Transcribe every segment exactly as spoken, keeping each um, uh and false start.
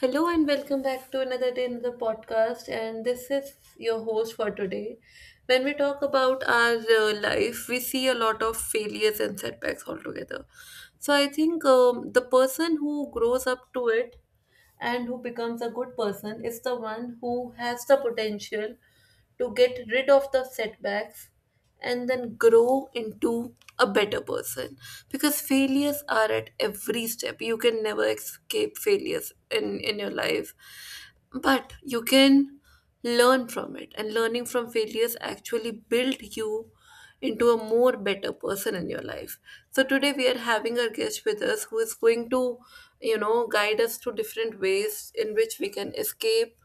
Hello and welcome back to another day, another podcast. And this is your host for today. When we talk about our uh, life, we see a lot of failures and setbacks altogether. So I think um, the person who grows up to it and who becomes a good person is the one who has the potential to get rid of the setbacks and then grow into a better person, because failures are at every step. You can never escape failures in in your life, but you can learn from it, and learning from failures actually build you into a more better person in your life. So today we are having a guest with us who is going to, you know, guide us to different ways in which we can escape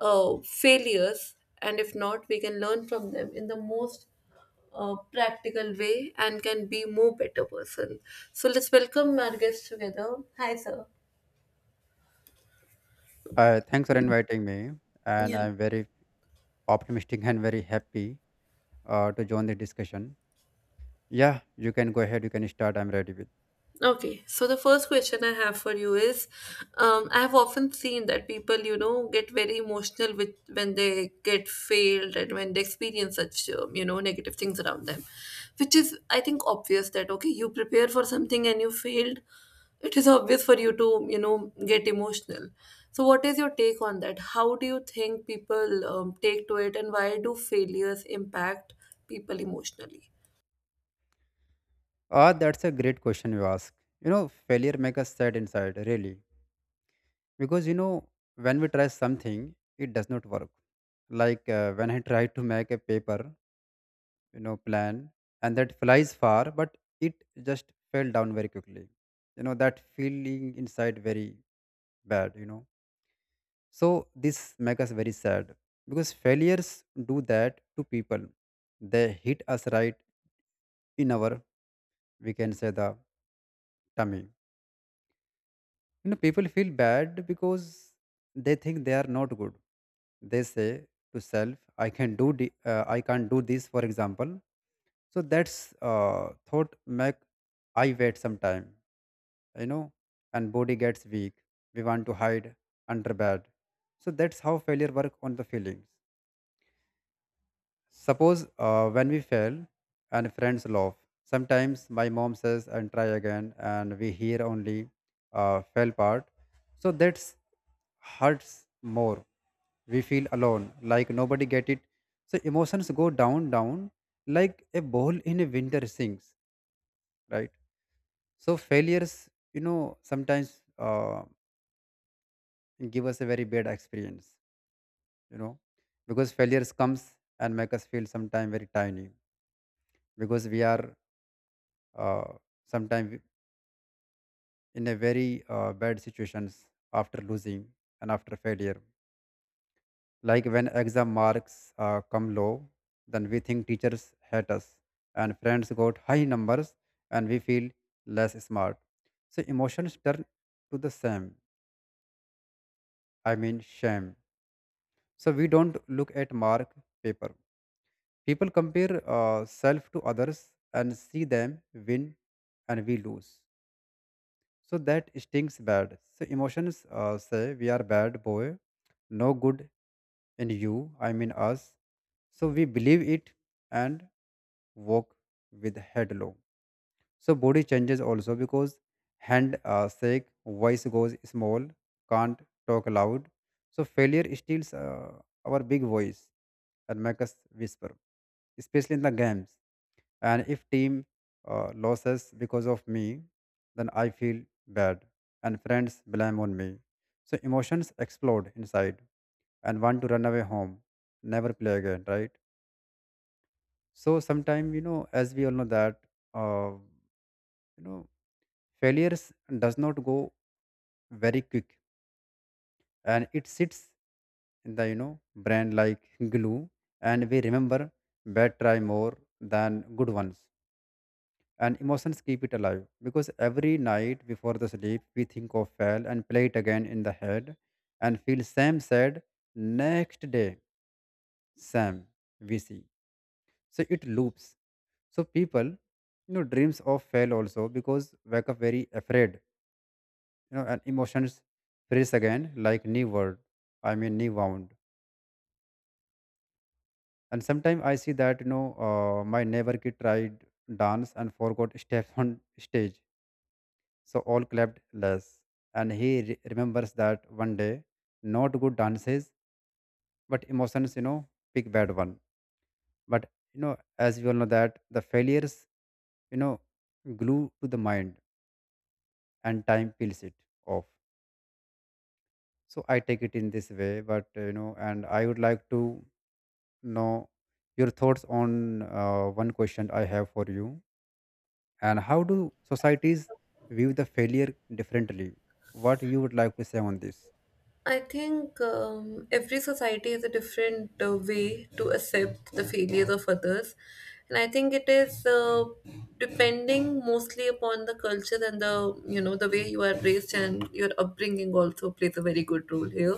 uh, failures, and if not, we can learn from them in the most uh, practical way and can be more better person. So let's welcome our guests together. Hi, sir. Uh, thanks for inviting me, and Yeah. I'm very optimistic and very happy uh, to join the discussion. Yeah, you can go ahead. You can start. I'm ready with. Okay, so the first question I have for you is, um, I have often seen that people, you know, get very emotional with when they get failed and when they experience such, um, you know, negative things around them, which is, I think, obvious that okay, you prepare for something and you failed, it is obvious for you to, you know, get emotional. So, what is your take on that? How do you think people um, take to it, and why do failures impact people emotionally? Ah, that's a great question you ask. You know, failure makes us sad inside, really, because you know when we try something, it does not work. Like uh, when I tried to make a paper, you know, plan, and that flies far, but it just fell down very quickly. You know that feeling inside very bad. You know. So this makes us very sad because failures do that to people. They hit us right in our, we can say, the tummy. You know, people feel bad because they think they are not good. They say to self, "I can do, the, uh, I can't do this." For example, so that's uh, thought make I wait some time. You know, and body gets weak. We want to hide under bed. So that's how failure work on the feelings. Suppose uh, when we fail and friends laugh. Sometimes my mom says and try again, and we hear only uh, fell part. So that's hurts more. We feel alone, like nobody get it. So emotions go down, down, like a ball in a winter sinks, right? So failures, you know, sometimes uh, give us a very bad experience, you know, because failures comes and make us feel sometime very tiny because we are uh, sometimes in a very uh, bad situations after losing and after failure. Like when exam marks uh, come low, then we think teachers hate us and friends got high numbers and we feel less smart. So emotions turn to the same, I mean shame. So we don't look at mark paper. People compare uh, self to others and see them win and we lose. So that stings bad. So emotions uh, say we are bad boy, no good in you, I mean us. So we believe it and walk with head low. So body changes also because hand uh, shake, voice goes small, can't talk loud. So failure steals uh, our big voice and make us whisper, especially in the games. And if team uh, loses because of me, then I feel bad and friends blame on me. So emotions explode inside and want to run away home, never play again, right? So sometime you know, as we all know that. Uh, you know, failures does not go very quick and it sits in the you know brain like glue, and we remember bad try more than good ones, and emotions keep it alive because every night before the sleep we think of fail and play it again in the head and feel same sad next day, same we see, so it loops. So people you know dreams of fail also because wake up very afraid, you know, and emotions freeze again like new word, I mean new wound. And sometimes I see that you know uh, my neighbor kid tried dance and forgot steps on stage, so all clapped less and he re- remembers that one day, not good dances, but emotions you know pick bad one. But you know, as we all know that the failures, you know, glue to the mind and time peels it off. So I take it in this way, but uh, you know, and I would like to. Now, your thoughts on uh, one question I have for you, and how do societies view the failure differently? What you would like to say on this? I think um, every society has a different uh, way to accept the failures of others. And I think it is uh, depending mostly upon the culture and the, you know, the way you are raised, and your upbringing also plays a very good role here.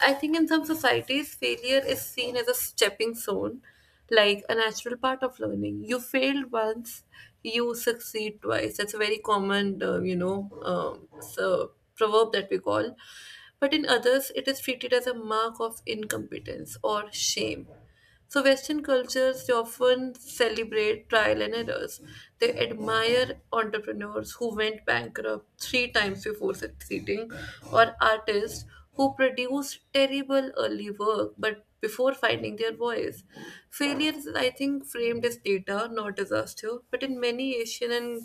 I think in some societies, failure is seen as a stepping stone, like a natural part of learning. You failed once, you succeed twice. That's a very common, uh, you know, um, so proverb that we call. But in others, it is treated as a mark of incompetence or shame. So, Western cultures they often celebrate trial and errors. They admire entrepreneurs who went bankrupt three times before succeeding, or artists who produced terrible early work but before finding their voice. Failure is, I think, framed as data, not disaster, but in many Asian and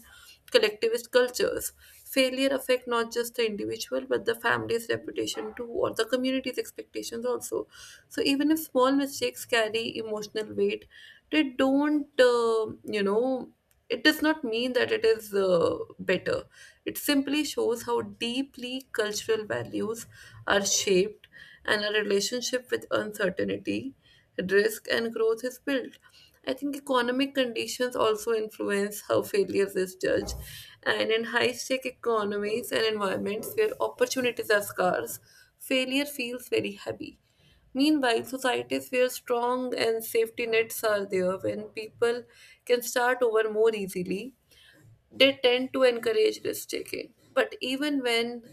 collectivist cultures, failure affect not just the individual but the family's reputation too, or the community's expectations also. So even if small mistakes carry emotional weight, they don't, uh, you know, it does not mean that it is uh, better. It simply shows how deeply cultural values are shaped and our relationship with uncertainty, risk, and growth is built. I think economic conditions also influence how failures is judged. And in high stake economies and environments where opportunities are scarce, failure feels very heavy. Meanwhile, societies where strong and safety nets are there, when people can start over more easily, they tend to encourage risk taking. But even when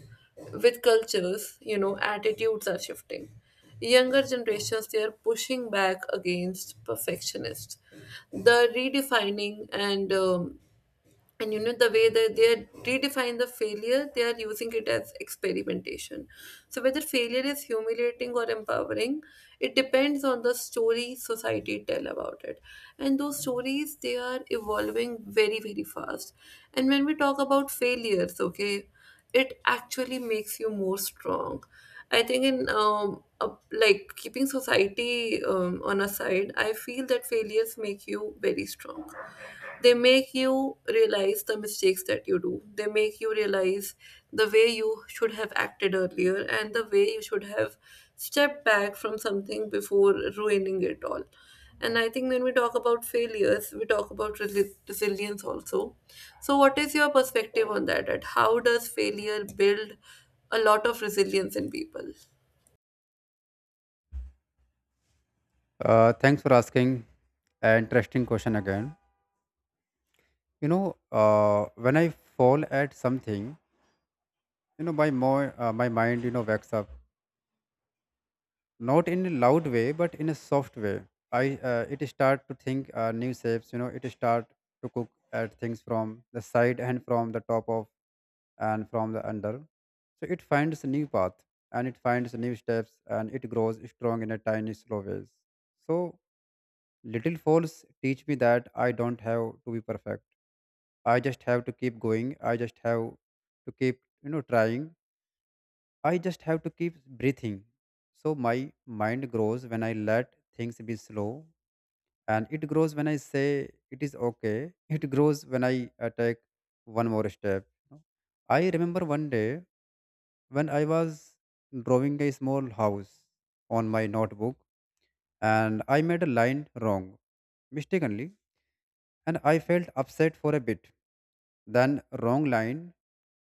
with cultures, you know, attitudes are shifting. Younger generations they are pushing back against perfectionists. The redefining and um, and you know the way that they are redefine the failure, they are using it as experimentation. So whether failure is humiliating or empowering, it depends on the story society tell about it, and those stories they are evolving very, very fast. And when we talk about failures, okay, it actually makes you more strong. I think in um, uh, like keeping society um, on a side, I feel that failures make you very strong. They make you realize the mistakes that you do. They make you realize the way you should have acted earlier and the way you should have stepped back from something before ruining it all. And I think when we talk about failures, we talk about resi- resilience also. So what is your perspective on that at how does failure build a lot of resilience in people? Uh, thanks for asking. An interesting question again. You know, uh, when I fall at something, you know, my mo- uh, my mind, you know, wakes up. Not in a loud way, but in a soft way. I uh, it start to think uh, new shapes. You know, it start to cook at things from the side and from the top of and from the under. So it finds a new path, and it finds new steps, and it grows strong in a tiny slow ways. So little falls teach me that I don't have to be perfect. I just have to keep going. I just have to keep, you know, trying. I just have to keep breathing. So my mind grows when I let things be slow, and it grows when I say it is okay. It grows when I uh, take one more step, you know. I remember one day, when I was drawing a small house on my notebook, and I made a line wrong mistakenly, and I felt upset for a bit. Then wrong line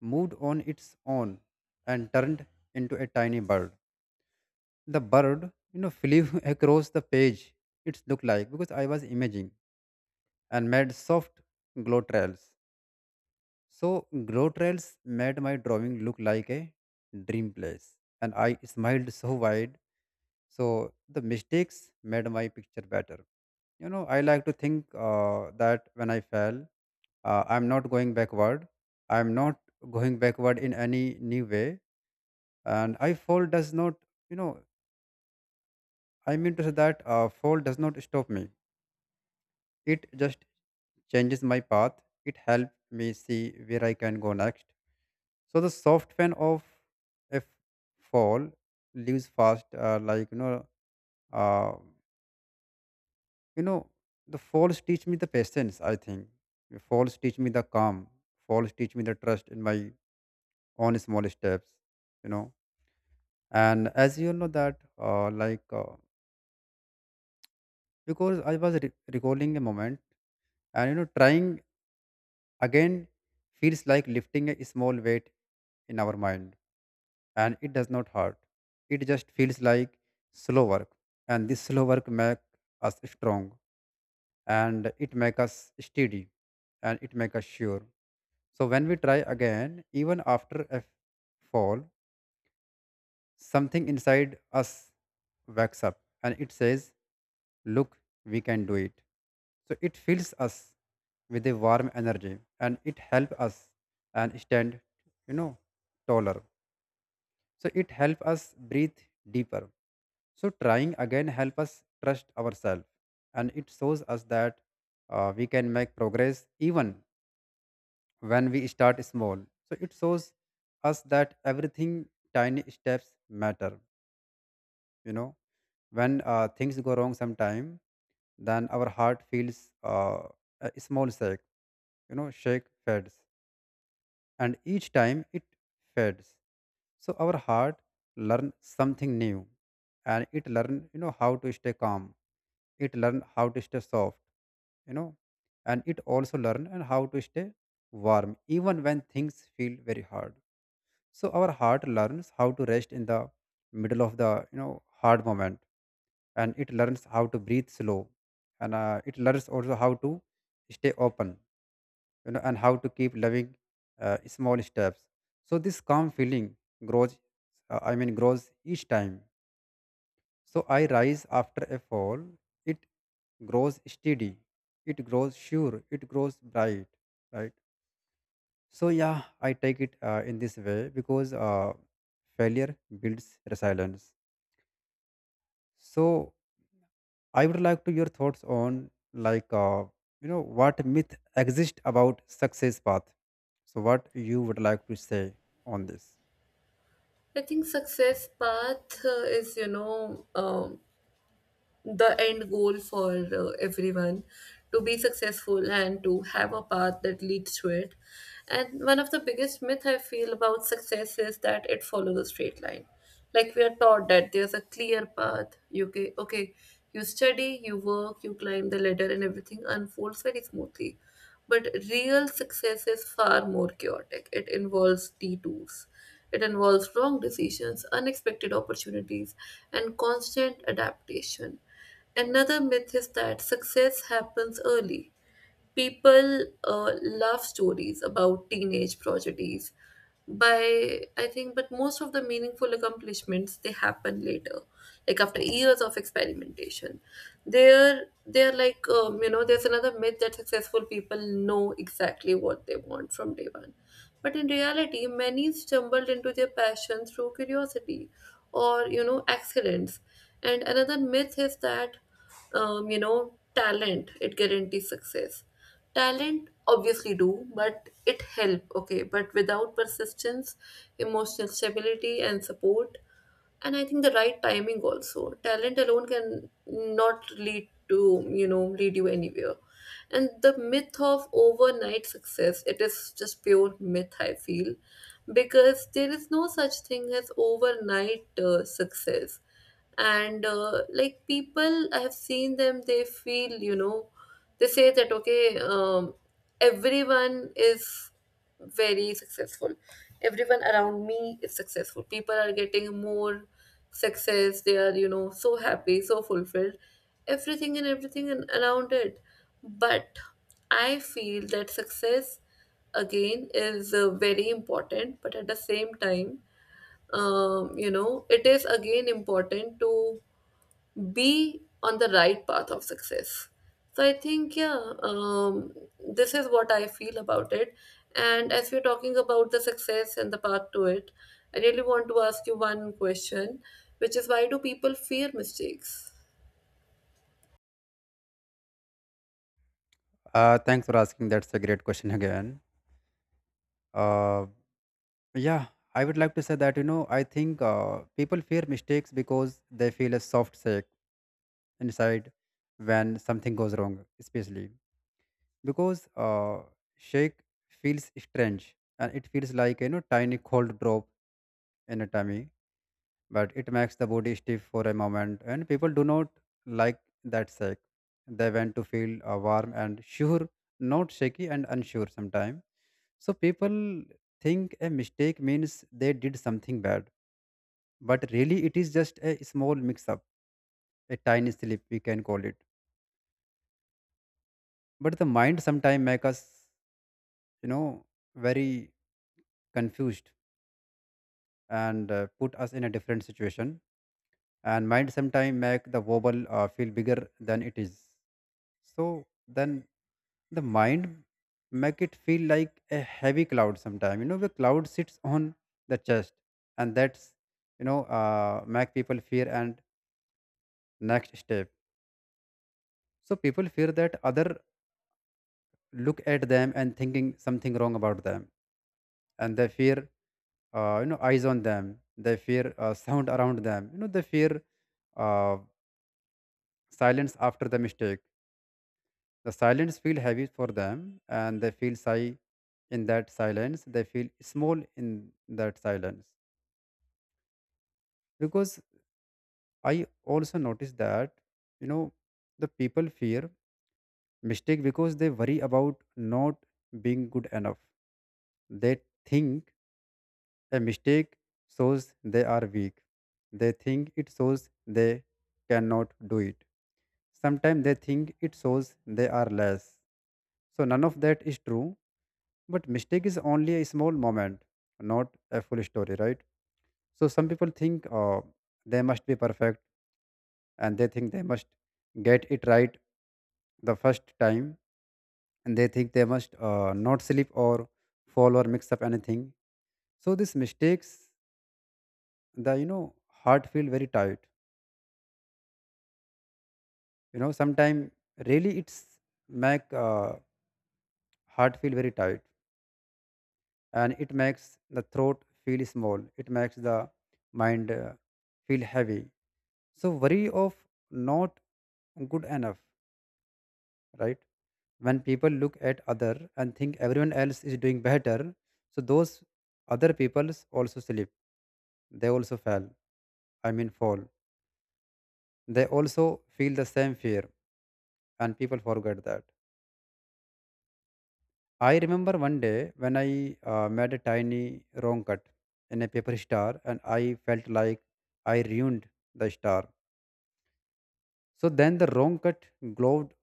moved on its own and turned into a tiny bird. The bird, you know, flew across the page. It looked like, because I was imaging, and made soft glow trails. So glow trails made my drawing look like a dream place, and I smiled so wide. So the mistakes made my picture better. You know, I like to think uh, that when I fell, uh, I'm not going backward. I'm not going backward in any new way. And I fall does not, you know, I mean to say that uh, fall does not stop me. It just changes my path. It helps me see where I can go next. So the soft fan of a fall leaves fast, uh, like you know. Uh, You know, the falls teach me the patience, I think. Falls teach me the calm. Falls teach me the trust in my own small steps, you know. And as you know that, uh, like, uh, because I was re- recalling a moment and, you know, trying again feels like lifting a small weight in our mind, and it does not hurt. It just feels like slow work, and this slow work make us strong, and it make us steady, and it make us sure. So when we try again, even after a fall, something inside us wakes up, and it says, "Look, we can do it." So it fills us with a warm energy, and it helps us and stand, you know, taller. So it helps us breathe deeper. So trying again helps us trust ourselves, and it shows us that uh, we can make progress even when we start small. So it shows us that everything tiny steps matter. You know, when uh, things go wrong sometime, then our heart feels uh, a small shake. You know, shake fades, and each time it fades, so our heart learn something new, and it learn you know how to stay calm. It learn how to stay soft, you know, and it also learn and how to stay warm even when things feel very hard. So our heart learns how to rest in the middle of the you know hard moment, and it learns how to breathe slow, and uh, it learns also how to stay open, you know, and how to keep loving uh, small steps. So this calm feeling grows, uh, I mean, grows each time. So I rise after a fall. It grows steady. It grows sure. It grows bright. Right. So yeah, I take it uh, in this way because uh, failure builds resilience. So I would like to your thoughts on like uh, you know what myth exist about success path. So what you would like to say on this? I think success path uh, is, you know, um, the end goal for uh, everyone to be successful and to have a path that leads to it. And one of the biggest myth I feel about success is that it follows a straight line. Like we are taught that there's a clear path. You okay, okay, you study, you work, you climb the ladder, and everything unfolds very smoothly. But real success is far more chaotic. It involves detours. It involves wrong decisions, unexpected opportunities, and constant adaptation. Another myth is that success happens early. People uh, love stories about teenage prodigies by I think, but most of the meaningful accomplishments they happen later, like after years of experimentation. They're they're like, um, you know, there's another myth that successful people know exactly what they want from day one, but in reality many stumbled into their passion through curiosity or, you know, accidents. And another myth is that, um, you know, talent it guarantees success. Talent obviously do, but it help, okay, but without persistence, emotional stability and support, and I think the right timing also. Talent alone can not lead to, you know, lead you anywhere. And the myth of overnight success, it is just pure myth, I feel, because there is no such thing as overnight uh, success. And uh, like people, I have seen them, they feel, you know, they say that okay, um, everyone is very successful, everyone around me is successful, people are getting more success, they are, you know, so happy, so fulfilled, everything and everything and around it. But I feel that success again is uh, very important, but at the same time, um, you know, it is again important to be on the right path of success. So I think yeah, um, this is what I feel about it. And as we're talking about the success and the path to it, I really want to ask you one question, which is why do people fear mistakes? Uh, thanks for asking. That's a great question again. Uh, yeah, I would like to say that you know I think uh, people fear mistakes because they feel a soft shake inside when something goes wrong, especially because uh, shake feels strange, and it feels like you know tiny cold drop in a tummy, but it makes the body stiff for a moment, and people do not like that shake. They want to feel uh, warm and sure, not shaky and unsure sometimes. So people think a mistake means they did something bad, but really it is just a small mix up, a tiny slip we can call it. But the mind sometimes make us, you know, very confused, and uh, put us in a different situation, and mind sometimes make the wobble uh, feel bigger than it is. So then the mind make it feel like a heavy cloud sometime. You know, the cloud sits on the chest, and that's you know uh, make people fear and next step. So people fear that other look at them and thinking something wrong about them, and they fear uh, you know eyes on them. They fear uh, sound around them. You know, they fear uh, silence after the mistake. The silence feels heavy for them, and they feel sigh in that silence. They feel small in that silence. Because I also noticed that, you know, the people fear mistake because they worry about not being good enough. They think a mistake shows they are weak. They think it shows they cannot do it. Sometimes they think it shows they are less. So none of that is true. But mistake is only a small moment, not a full story, right? So some people think uh, they must be perfect, and they think they must get it right the first time, and they think they must uh, not slip or fall or mix up anything. So these mistakes, the you know heart feel very tight. You know sometimes really it's make uh, heart feel very tight, and it makes the throat feel small. It makes the mind uh, feel heavy, so worry of not good enough, right, when people look at other and think everyone else is doing better. So those other peoples also slip, they also fell I mean fall, they also feel the same fear, and people forget that. I remember one day when I uh, made a tiny wrong cut in a paper star, and I felt like I ruined the star. So then the wrong cut glowed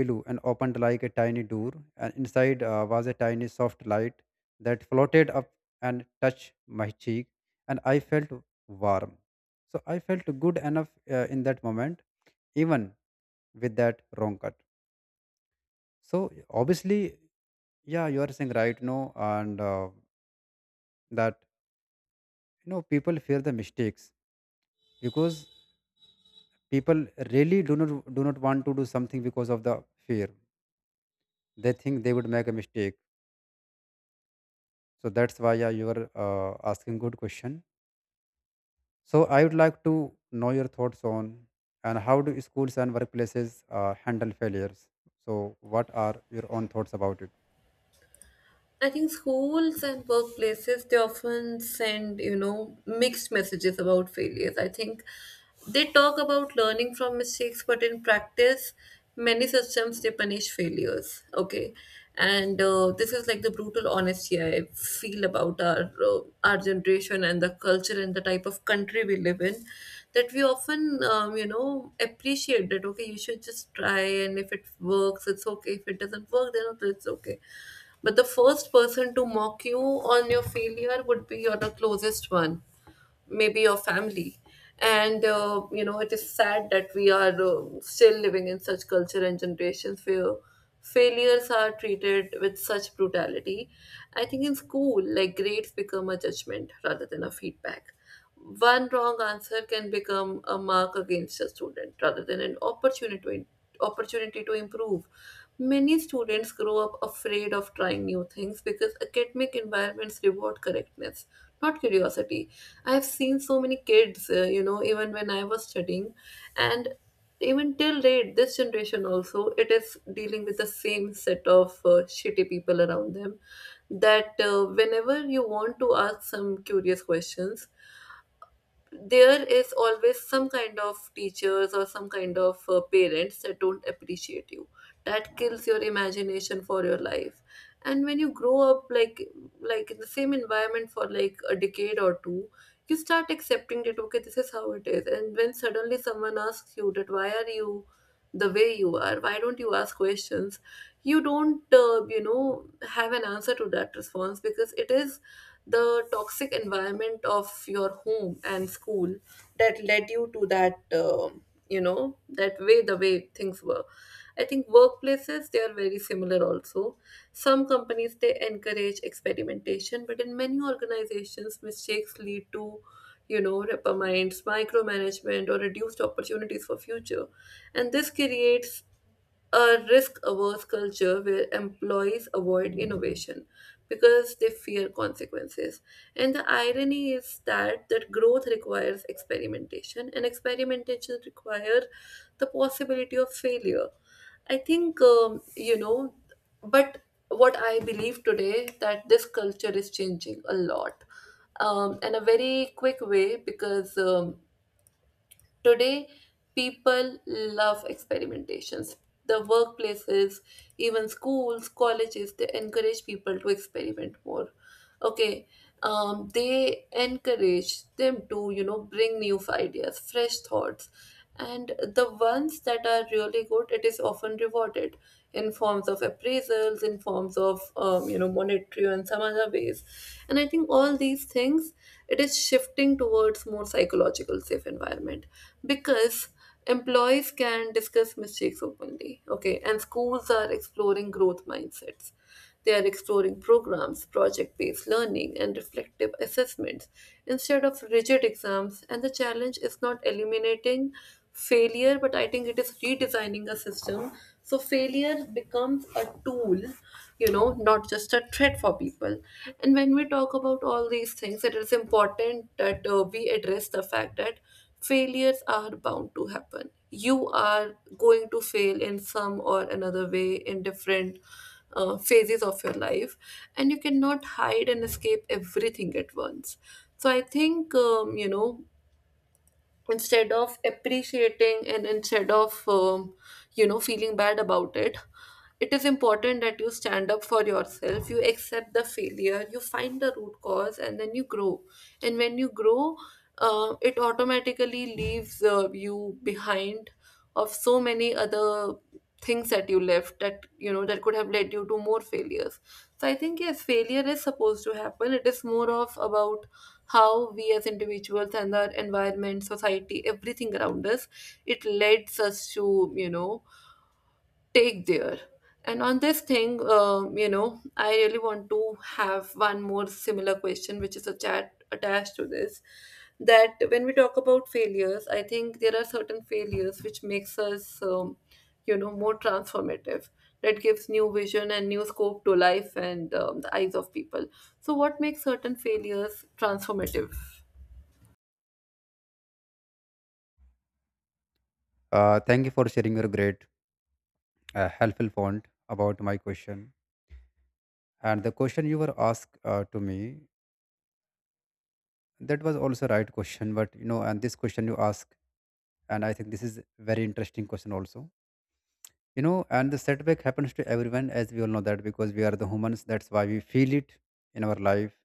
below and opened like a tiny door, and inside uh, was a tiny soft light that floated up and touched my cheek, and I felt warm. So I felt good enough uh, in that moment, even with that wrong cut. So obviously, yeah, you are saying right, no, and uh, that, you know, people fear the mistakes because people really do not do not want to do something because of the fear. They think they would make a mistake. So that's why, yeah, you are uh, asking good question. So I would like to know your thoughts on, and how do schools and workplaces uh, handle failures. So what are your own thoughts about it? I think schools and workplaces they often send, you know, mixed messages about failures. I think they talk about learning from mistakes, but in practice, many systems they punish failures. Okay, and uh, this is like the brutal honesty I feel about our uh, our generation and the culture and the type of country we live in. That we often, um, you know, appreciate that okay, you should just try, and if it works it's okay, if it doesn't work then it's okay, but the first person to mock you on your failure would be your the closest one, maybe your family. And uh, you know, it is sad that we are uh, still living in such culture and generations where failures are treated with such brutality. I think in school, like grades become a judgment rather than a feedback. One wrong answer can become a mark against a student rather than an opportunity to opportunity to improve. Many students grow up afraid of trying new things because academic environments reward correctness, not curiosity. I have seen so many kids, uh, you know, even when I was studying, and even till date, this generation also, it is dealing with the same set of uh, shitty people around them. That uh, whenever you want to ask some curious questions, there is always some kind of teachers or some kind of uh, parents that don't appreciate you, that kills your imagination for your life. And when you grow up like like in the same environment for like a decade or two, you start accepting that okay, this is how it is. And when suddenly someone asks you that why are you the way you are, why don't you ask questions, you don't, uh, you know, have an answer to that response, because it is the toxic environment of your home and school that led you to that, um, you know, that way the way things were. I think workplaces they are very similar also. Some companies they encourage experimentation, but in many organizations mistakes lead to, you know, reprimands, micromanagement, or reduced opportunities for future. And this creates a risk averse culture where employees avoid innovation because they fear consequences. And the irony is that that growth requires experimentation and experimentation requires the possibility of failure. I think, um, you know, but what I believe today that this culture is changing a lot, um, in a very quick way, because um, today, people love experimentations. The workplaces, even schools, colleges, they encourage people to experiment more. Okay, um, they encourage them to, you know, bring new ideas, fresh thoughts. And the ones that are really good, it is often rewarded in forms of appraisals, in forms of, um, you know, monetary and some other ways. And I think all these things, it is shifting towards more psychological safe environment, because employees can discuss mistakes openly. Okay, and schools are exploring growth mindsets. They are exploring programs, project based learning, and reflective assessments instead of rigid exams. And the challenge is not eliminating failure, but I think it is redesigning a system so failure becomes a tool, you know, not just a threat for people. And when we talk about all these things, it is important that uh, we address the fact that failures are bound to happen. You are going to fail in some or another way in different uh, phases of your life, and you cannot hide and escape everything at once. So I think, um, you know, instead of appreciating and instead of, um, you know, feeling bad about it, it is important that you stand up for yourself, you accept the failure, you find the root cause, and then you grow. And when you grow, uh, it automatically leaves uh, you behind of so many other things that you left, that, you know, that could have led you to more failures. So I think yes, failure is supposed to happen. It is more of about how we as individuals and our environment, society, everything around us, it leads us to, you know, take there. And on this thing, um, you know, I really want to have one more similar question, which is a chat attached to this. That when we talk about failures, I think there are certain failures which makes us, um, you know, more transformative. That gives new vision and new scope to life and, um, the eyes of people. So, what makes certain failures transformative? Uh, thank you for sharing your great uh, helpful point about my question. And the question you were asked uh, to me, that was also right question, but you know, and this question you ask, and I think this is very interesting question also. You know, and the setback happens to everyone, as we all know that, because we are the humans. That's why we feel it in our life,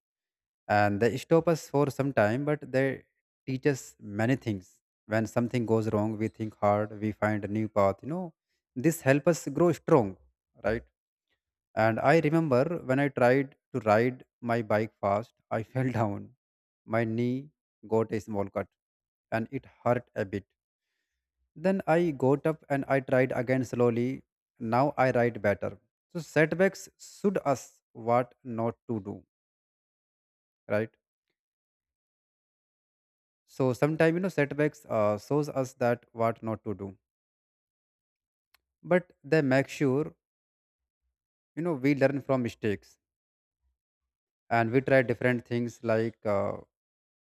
and they stop us for some time, but they teach us many things. When something goes wrong, we think hard, we find a new path, you know. This help us grow strong, right? And I remember when I tried to ride my bike fast, I fell down. My knee got a small cut, and it hurt a bit. Then I got up, and I tried again slowly. Now I ride better. So setbacks should us what not to do, right? So sometimes, you know, setbacks uh, shows us that what not to do, but they make sure, you know, we learn from mistakes and we try different things. Like uh,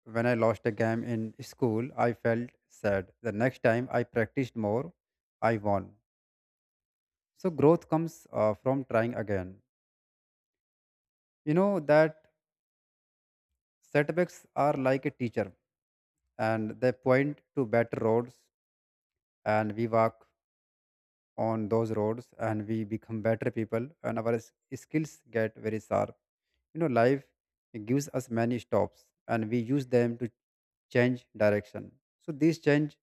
when I lost a game in school, I felt sad. The next time I practiced more, I won. So growth comes uh, from trying again. You know that setbacks are like a teacher, and they point to better roads, and we walk on those roads, and we become better people, and our s- skills get very sharp. You know, life gives us many stops, and we use them to change direction. So these change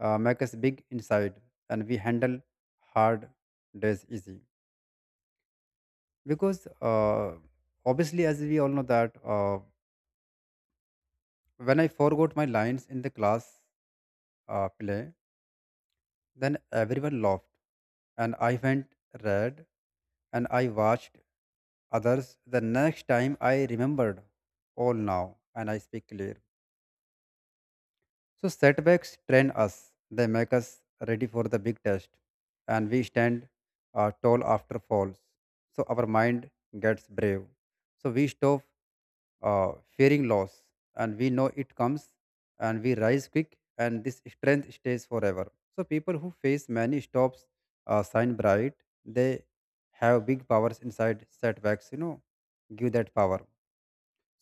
uh, make us big inside, and we handle hard days easy. Because uh, obviously, as we all know that, uh, when I forgot my lines in the class uh, play. Then everyone laughed, and I went red, and I watched others. The next time I remembered all now, and I speak clear. So setbacks train us; they make us ready for the big test, and we stand uh, tall after falls. So our mind gets brave. So we stop uh, fearing loss, and we know it comes, and we rise quick, and this strength stays forever. So people who face many stops uh, shine bright. They have big powers inside. Setbacks, you know, give that power.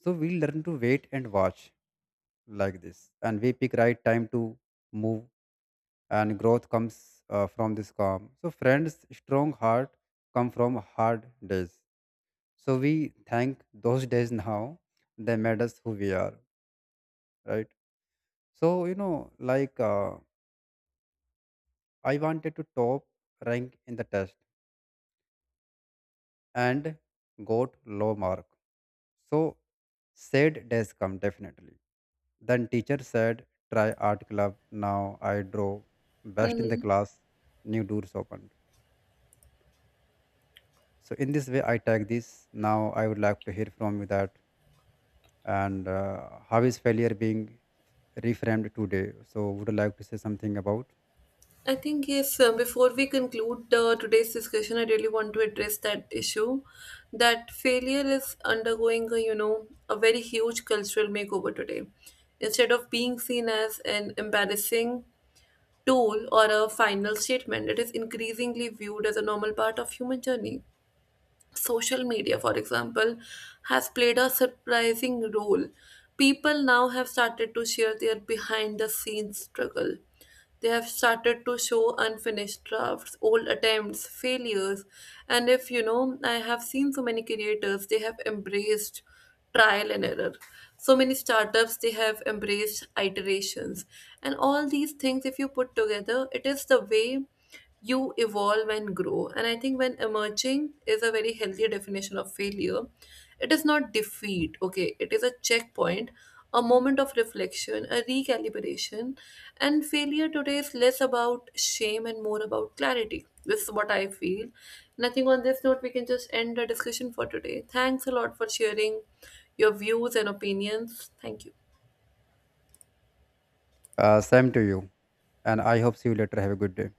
So we learn to wait and watch like this, and we pick right time to move. And growth comes uh, from this calm. So friends, strong heart come from hard days. So we thank those days now. They made us who we are, right? So you know, like uh, I wanted to top rank in the test and got low mark. So sad days come definitely. Then teacher said, try art club. Now I draw best in the Hmm. class. New doors opened. So in this way, I take this. Now I would like to hear from you that, and uh, how is failure being reframed today? So, would you like to say something about? I think, yes, uh, before we conclude uh, today's discussion, I really want to address that issue that failure is undergoing, a, you know, a very huge cultural makeover today. Instead of being seen as an embarrassing tool or a final statement, it is increasingly viewed as a normal part of human journey. Social media, for example, has played a surprising role. People now have started to share their behind the scenes struggle. They have started to show unfinished drafts, old attempts, failures. And if you know, I have seen so many creators, they have embraced trial and error. So many startups, they have embraced iterations. And all these things, if you put together, it is the way you evolve and grow. And I think when emerging is a very healthy definition of failure, it is not defeat, okay, it is a checkpoint, a moment of reflection, a recalibration. And failure today is less about shame and more about clarity, this is what I feel. And I think on this note we can just end the discussion for today. Thanks a lot for sharing your views and opinions. Thank you. Uh, same to you, and I hope see you later. Have a good day.